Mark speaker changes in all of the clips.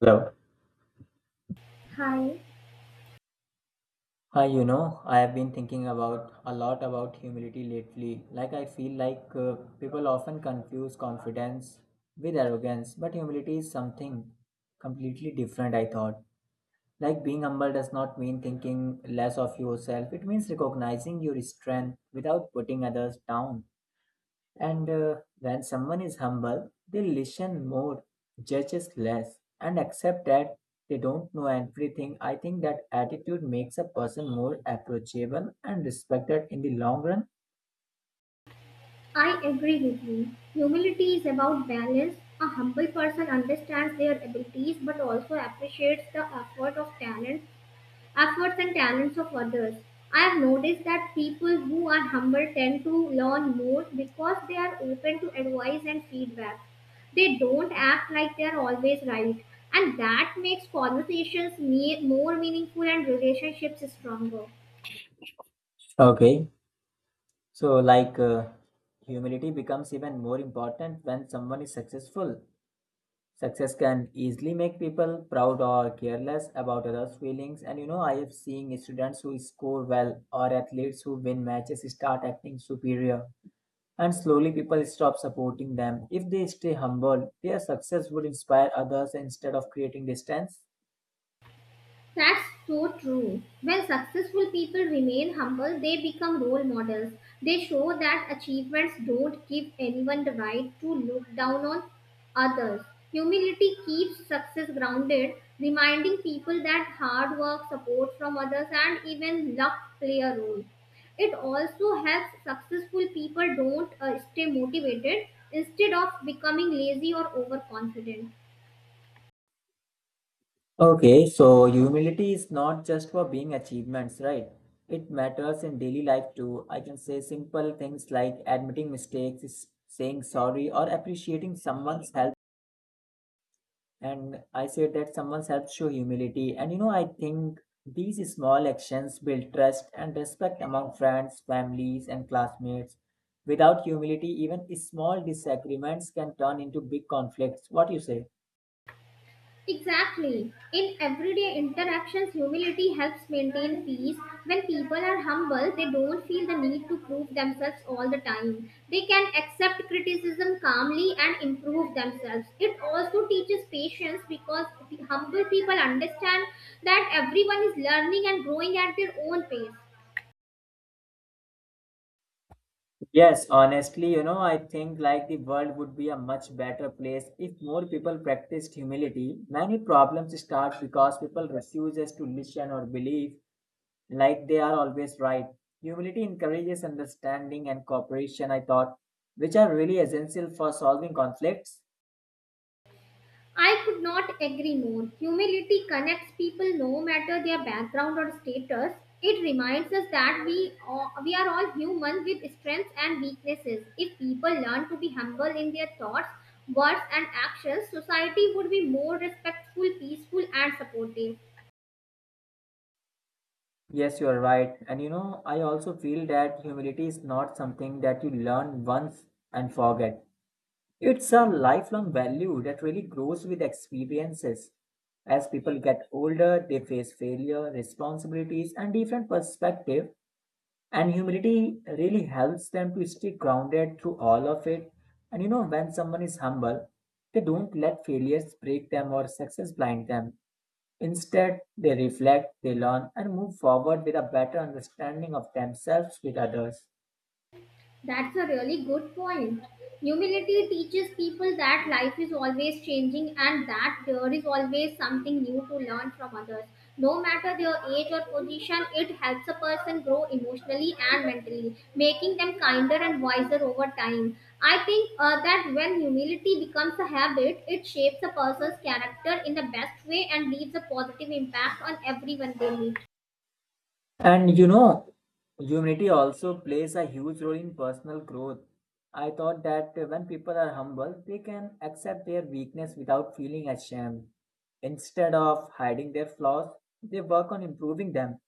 Speaker 1: Hello.
Speaker 2: Hi,
Speaker 1: Hi, you know, I have been thinking about a lot about humility lately. Like, I feel like people often confuse confidence with arrogance, but humility is something completely different, I thought. Like, being humble does not mean thinking less of yourself, it means recognizing your strength without putting others down. And when someone is humble, they listen more, judges less, and accept that they don't know everything. I think that attitude makes a person more approachable and respected in the long run.
Speaker 2: I agree with you. Humility is about balance. A humble person understands their abilities but also appreciates the efforts and talents of others. I have noticed that people who are humble tend to learn more because they are open to advice and feedback. They don't act like they are always right, and that makes conversations more meaningful and relationships stronger.
Speaker 1: Okay, so like humility becomes even more important when someone is successful. Success can easily make people proud or careless about others' feelings. And you know, I have seen students who score well or athletes who win matches start acting superior. And slowly people stop supporting them. If they stay humble, their success would inspire others instead of creating distance.
Speaker 2: That's so true. When successful people remain humble, they become role models. They show that achievements don't give anyone the right to look down on others. Humility keeps success grounded, reminding people that hard work, support from others, and even luck play a role. It also helps successful people don't stay motivated instead of becoming lazy or overconfident.
Speaker 1: Okay, so humility is not just for being achievements, right? It matters in daily life too. I can say simple things like admitting mistakes, saying sorry, or appreciating someone's help. And I say that someone helps show humility. And you know, I think these small actions build trust and respect among friends, families, and classmates. Without humility, even small disagreements can turn into big conflicts. What you say?
Speaker 2: Exactly. In everyday interactions, humility helps maintain peace. When people are humble, they don't feel the need to prove themselves all the time. They can accept criticism calmly and improve themselves. It also teaches patience because the humble people understand that everyone is learning and growing at their own pace.
Speaker 1: Yes, honestly, you know, I think like the world would be a much better place if more people practiced humility. Many problems start because people refuses to listen or believe like they are always right. Humility encourages understanding and cooperation, I thought, which are really essential for solving conflicts.
Speaker 2: I could not agree more. Humility connects people no matter their background or status. It reminds us that we are all human with strengths and weaknesses. If people learn to be humble in their thoughts, words, and actions, society would be more respectful, peaceful, and supportive.
Speaker 1: Yes, you are right. And you know, I also feel that humility is not something that you learn once and forget. It's a lifelong value that really grows with experiences. As people get older, they face failure, responsibilities, and different perspectives, and humility really helps them to stay grounded through all of it. And you know, when someone is humble, they don't let failures break them or success blind them. Instead, they reflect, they learn, and move forward with a better understanding of themselves with others.
Speaker 2: That's a really good point. Humility teaches people that life is always changing and that there is always something new to learn from others. No matter their age or position, it helps a person grow emotionally and mentally, making them kinder and wiser over time. I think that when humility becomes a habit, it shapes a person's character in the best way and leaves a positive impact on everyone they meet.
Speaker 1: And you know, humility also plays a huge role in personal growth. I thought that when people are humble, they can accept their weakness without feeling ashamed. Instead of hiding their flaws, they work on improving them.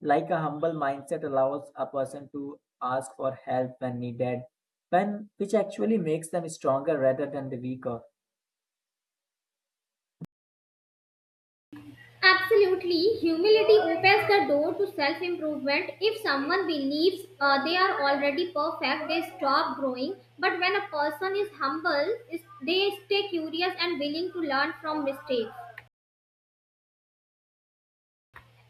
Speaker 1: Like a humble mindset allows a person to ask for help when needed, when which actually makes them stronger rather than the weaker.
Speaker 2: Absolutely. Humility opens the door to self improvement. If someone believes they are already perfect, they stop growing. But when a person is humble, they stay curious and willing to learn from mistakes,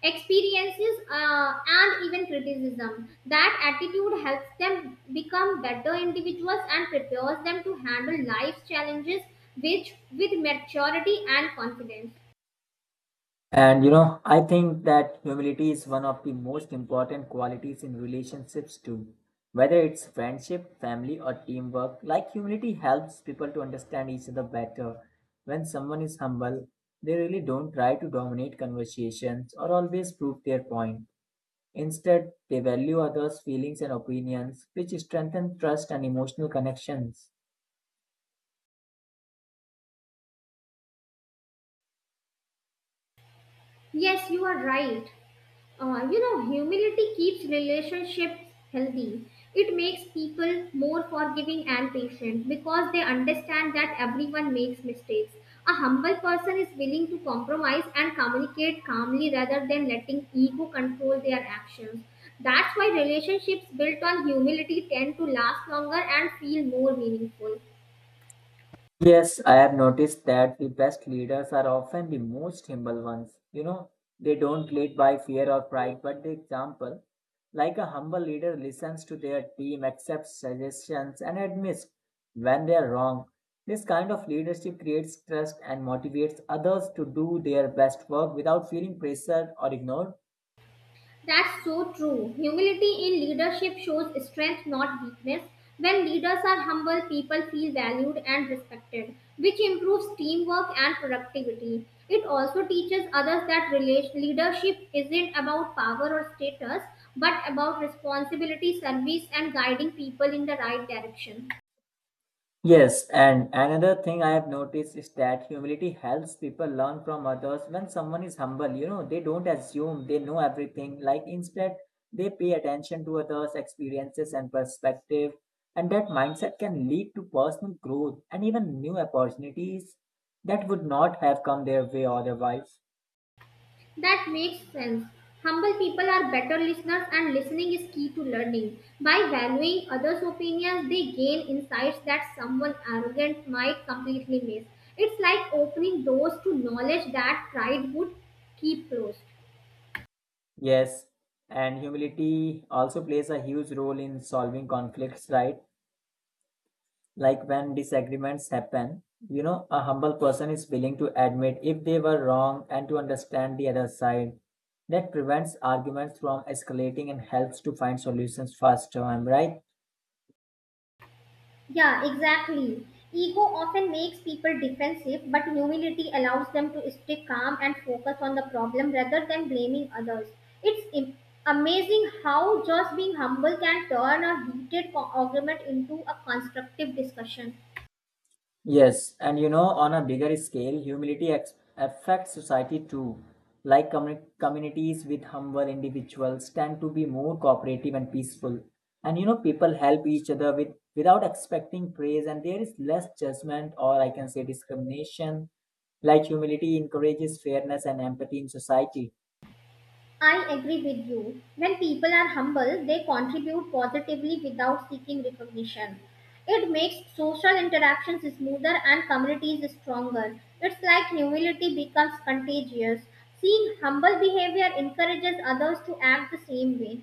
Speaker 2: experiences, and even criticism. That attitude helps them become better individuals and prepares them to handle life's challenges with maturity and confidence.
Speaker 1: And you know, I think that humility is one of the most important qualities in relationships too. Whether it's friendship, family, or teamwork, like humility helps people to understand each other better. When someone is humble, they really don't try to dominate conversations or always prove their point. Instead, they value others' feelings and opinions, which strengthen trust and emotional connections.
Speaker 2: Yes, you are right. Humility keeps relationships healthy. It makes people more forgiving and patient because they understand that everyone makes mistakes. A humble person is willing to compromise and communicate calmly rather than letting ego control their actions. That's why relationships built on humility tend to last longer and feel more meaningful.
Speaker 1: Yes, I have noticed that the best leaders are often the most humble ones. You know, they don't lead by fear or pride, but the example. Like a humble leader listens to their team, accepts suggestions, and admits when they are wrong. This kind of leadership creates trust and motivates others to do their best work without feeling pressured or ignored.
Speaker 2: That's so true. Humility in leadership shows strength, not weakness. When leaders are humble, people feel valued and respected, which improves teamwork and productivity. It also teaches others that leadership isn't about power or status, but about responsibility, service, and guiding people in the right direction.
Speaker 1: Yes, and another thing I have noticed is that humility helps people learn from others. When someone is humble, you know, they don't assume they know everything. Like instead, they pay attention to others' experiences and perspective. And that mindset can lead to personal growth and even new opportunities that would not have come their way otherwise.
Speaker 2: That makes sense. Humble people are better listeners, and listening is key to learning. By valuing others' opinions, they gain insights that someone arrogant might completely miss. It's like opening doors to knowledge that pride would keep closed.
Speaker 1: Yes, and humility also plays a huge role in solving conflicts, right? Like when disagreements happen, you know, a humble person is willing to admit if they were wrong and to understand the other side. That prevents arguments from escalating and helps to find solutions faster, am I right?
Speaker 2: Yeah, exactly. Ego often makes people defensive, but humility allows them to stay calm and focus on the problem rather than blaming others. It's amazing how just being humble can turn a heated argument into a constructive discussion.
Speaker 1: Yes, and you know, on a bigger scale, humility affects society too. Like communities with humble individuals tend to be more cooperative and peaceful. And you know, people help each other with without expecting praise, and there is less judgment or I can say discrimination. Like humility encourages fairness and empathy in society.
Speaker 2: I agree with you. When people are humble, they contribute positively without seeking recognition. It makes social interactions smoother and communities stronger. It's like humility becomes contagious. Seeing humble behavior encourages others to act the same way.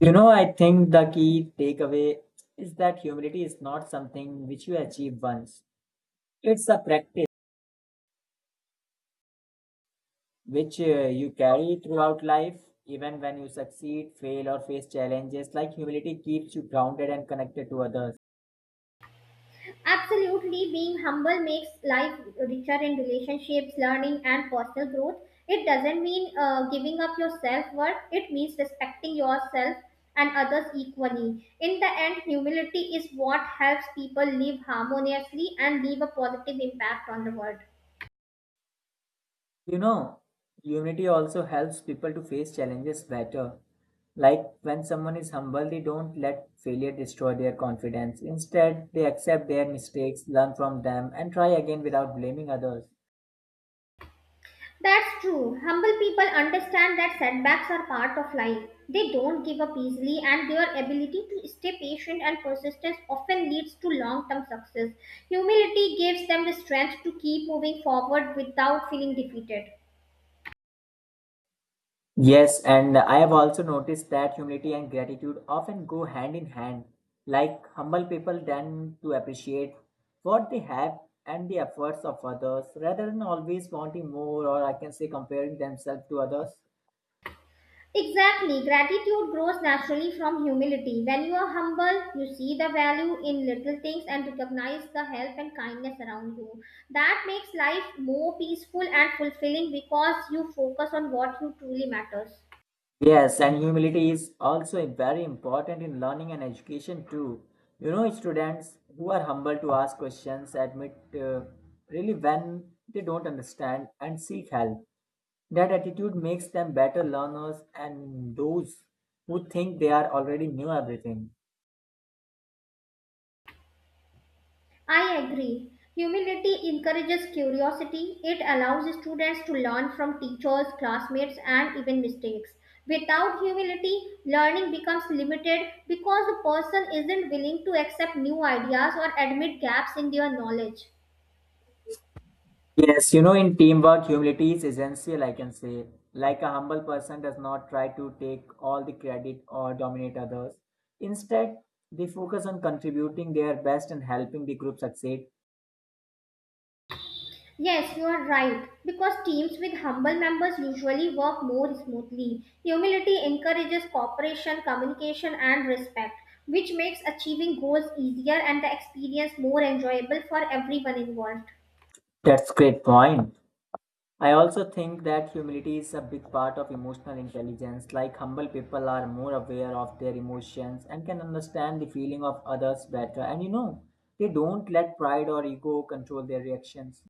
Speaker 1: You know, I think the key takeaway is that humility is not something which you achieve once. It's a practice which you carry throughout life, even when you succeed, fail, or face challenges. Like humility keeps you grounded and connected to others.
Speaker 2: Absolutely, being humble makes life richer in relationships, learning, and personal growth. It doesn't mean giving up your self worth, it means respecting yourself and others equally. In the end, humility is what helps people live harmoniously and leave a positive impact on the world.
Speaker 1: You know, humility also helps people to face challenges better. Like when someone is humble, they don't let failure destroy their confidence. Instead, they accept their mistakes, learn from them, and try again without blaming others.
Speaker 2: That's true. Humble people understand that setbacks are part of life. They don't give up easily, and their ability to stay patient and persistence often leads to long term success. Humility gives them the strength to keep moving forward without feeling defeated.
Speaker 1: Yes, and I have also noticed that humility and gratitude often go hand in hand. Like humble people tend to appreciate what they have and the efforts of others rather than always wanting more or I can say comparing themselves to others.
Speaker 2: Exactly. Gratitude grows naturally from humility. When you are humble, you see the value in little things and recognize the help and kindness around you. That makes life more peaceful and fulfilling because you focus on what you truly matters.
Speaker 1: Yes, and humility is also very important in learning and education too. You know, students who are humble to ask questions, admit really when they don't understand, and seek help. That attitude makes them better learners and those who think they are already knew everything.
Speaker 2: I agree. Humility encourages curiosity. It allows students to learn from teachers, classmates, and even mistakes. Without humility, learning becomes limited because the person isn't willing to accept new ideas or admit gaps in their knowledge.
Speaker 1: Yes, you know, in teamwork, humility is essential, I can say. Like a humble person does not try to take all the credit or dominate others. Instead, they focus on contributing their best and helping the group succeed.
Speaker 2: Yes, you are right. Because teams with humble members usually work more smoothly. Humility encourages cooperation, communication, and respect, which makes achieving goals easier and the experience more enjoyable for everyone involved.
Speaker 1: That's great point. I also think that humility is a big part of emotional intelligence. Like humble people are more aware of their emotions and can understand the feeling of others better. And you know, they don't let pride or ego control their reactions.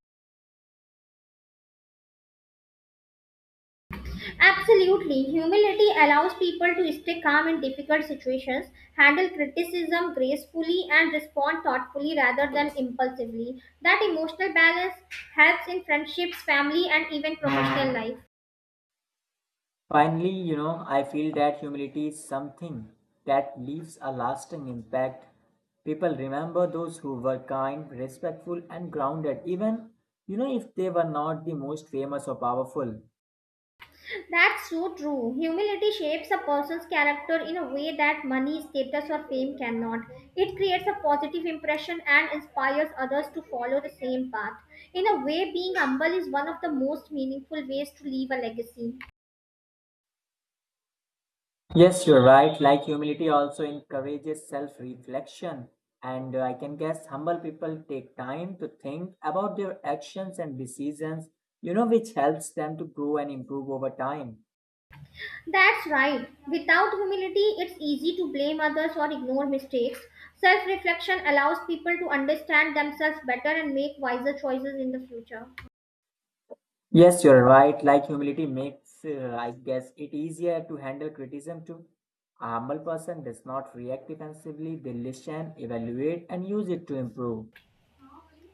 Speaker 2: Absolutely, humility allows people to stay calm in difficult situations, handle criticism gracefully, and respond thoughtfully rather than impulsively. That emotional balance helps in friendships, family, and even professional life.
Speaker 1: Finally, you know, I feel that humility is something that leaves a lasting impact. People remember those who were kind, respectful, and grounded, even, you know, if they were not the most famous or powerful.
Speaker 2: That's so true. Humility shapes a person's character in a way that money, status, or fame cannot. It creates a positive impression and inspires others to follow the same path. In a way, being humble is one of the most meaningful ways to leave a legacy.
Speaker 1: Yes, you're right. Like humility also encourages self reflection. And I can guess humble people take time to think about their actions and decisions, you know, which helps them to grow and improve over time.
Speaker 2: That's right. Without humility, it's easy to blame others or ignore mistakes. Self reflection allows people to understand themselves better and make wiser choices in the future.
Speaker 1: Yes, you're right. Like humility makes, I guess, it easier to handle criticism too. A humble person does not react defensively, they listen, evaluate, and use it to improve.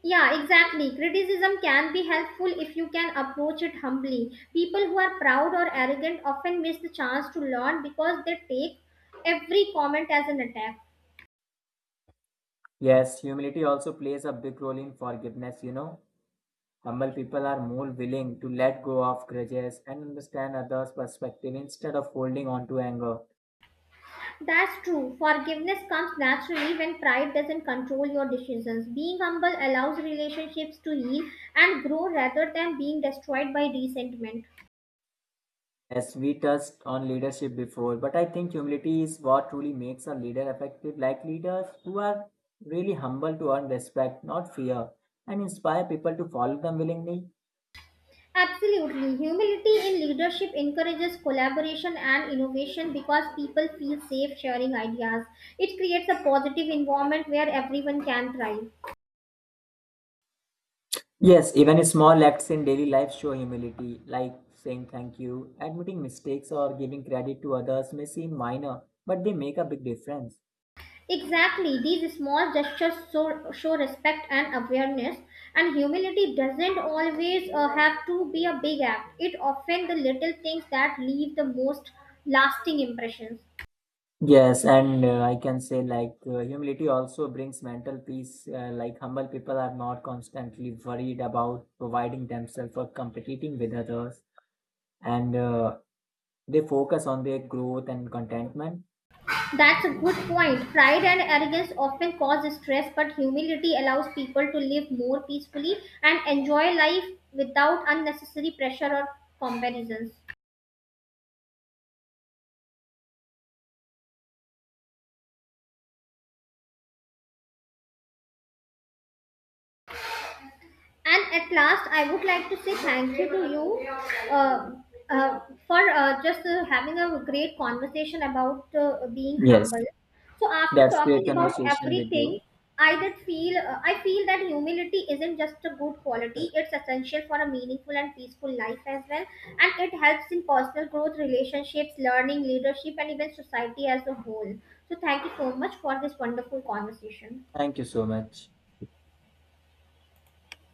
Speaker 2: Yeah, exactly. Criticism can be helpful if you can approach it humbly. People who are proud or arrogant often miss the chance to learn because they take every comment as an attack.
Speaker 1: Yes, humility also plays a big role in forgiveness, you know. Humble people are more willing to let go of grudges and understand others' perspective instead of holding on to anger.
Speaker 2: That's true. Forgiveness comes naturally when pride doesn't control your decisions. Being humble allows relationships to heal and grow rather than being destroyed by resentment.
Speaker 1: As we touched on leadership before, but I think humility is what truly makes a leader effective, like leaders who are really humble to earn respect, not fear, and inspire people to follow them willingly.
Speaker 2: Absolutely. Humility in leadership encourages collaboration and innovation because people feel safe sharing ideas. It creates a positive environment where everyone can thrive.
Speaker 1: Yes, even small acts in daily life show humility, like saying thank you, admitting mistakes, or giving credit to others may seem minor, but they make a big difference.
Speaker 2: Exactly. These small gestures show respect and awareness. And humility doesn't always have to be a big act, it often the little things that leave the most lasting impressions.
Speaker 1: Yes, and I can say like humility also brings mental peace. Like humble people are not constantly worried about providing themselves or competing with others, and they focus on their growth and contentment.
Speaker 2: That's a good point. Pride and arrogance often cause stress, but humility allows people to live more peacefully and enjoy life without unnecessary pressure or comparisons. And at last, I would like to say thank you to you uh, uh, for just having a great conversation about being
Speaker 1: Yes,
Speaker 2: humble. So after
Speaker 1: that's great
Speaker 2: talking about
Speaker 1: conversation with you.
Speaker 2: everything, I feel that humility isn't just a good quality; it's essential for a meaningful and peaceful life as well, and it helps in personal growth, relationships, learning, leadership, and even society as a whole. So thank you so much for this wonderful conversation.
Speaker 1: Thank you so much.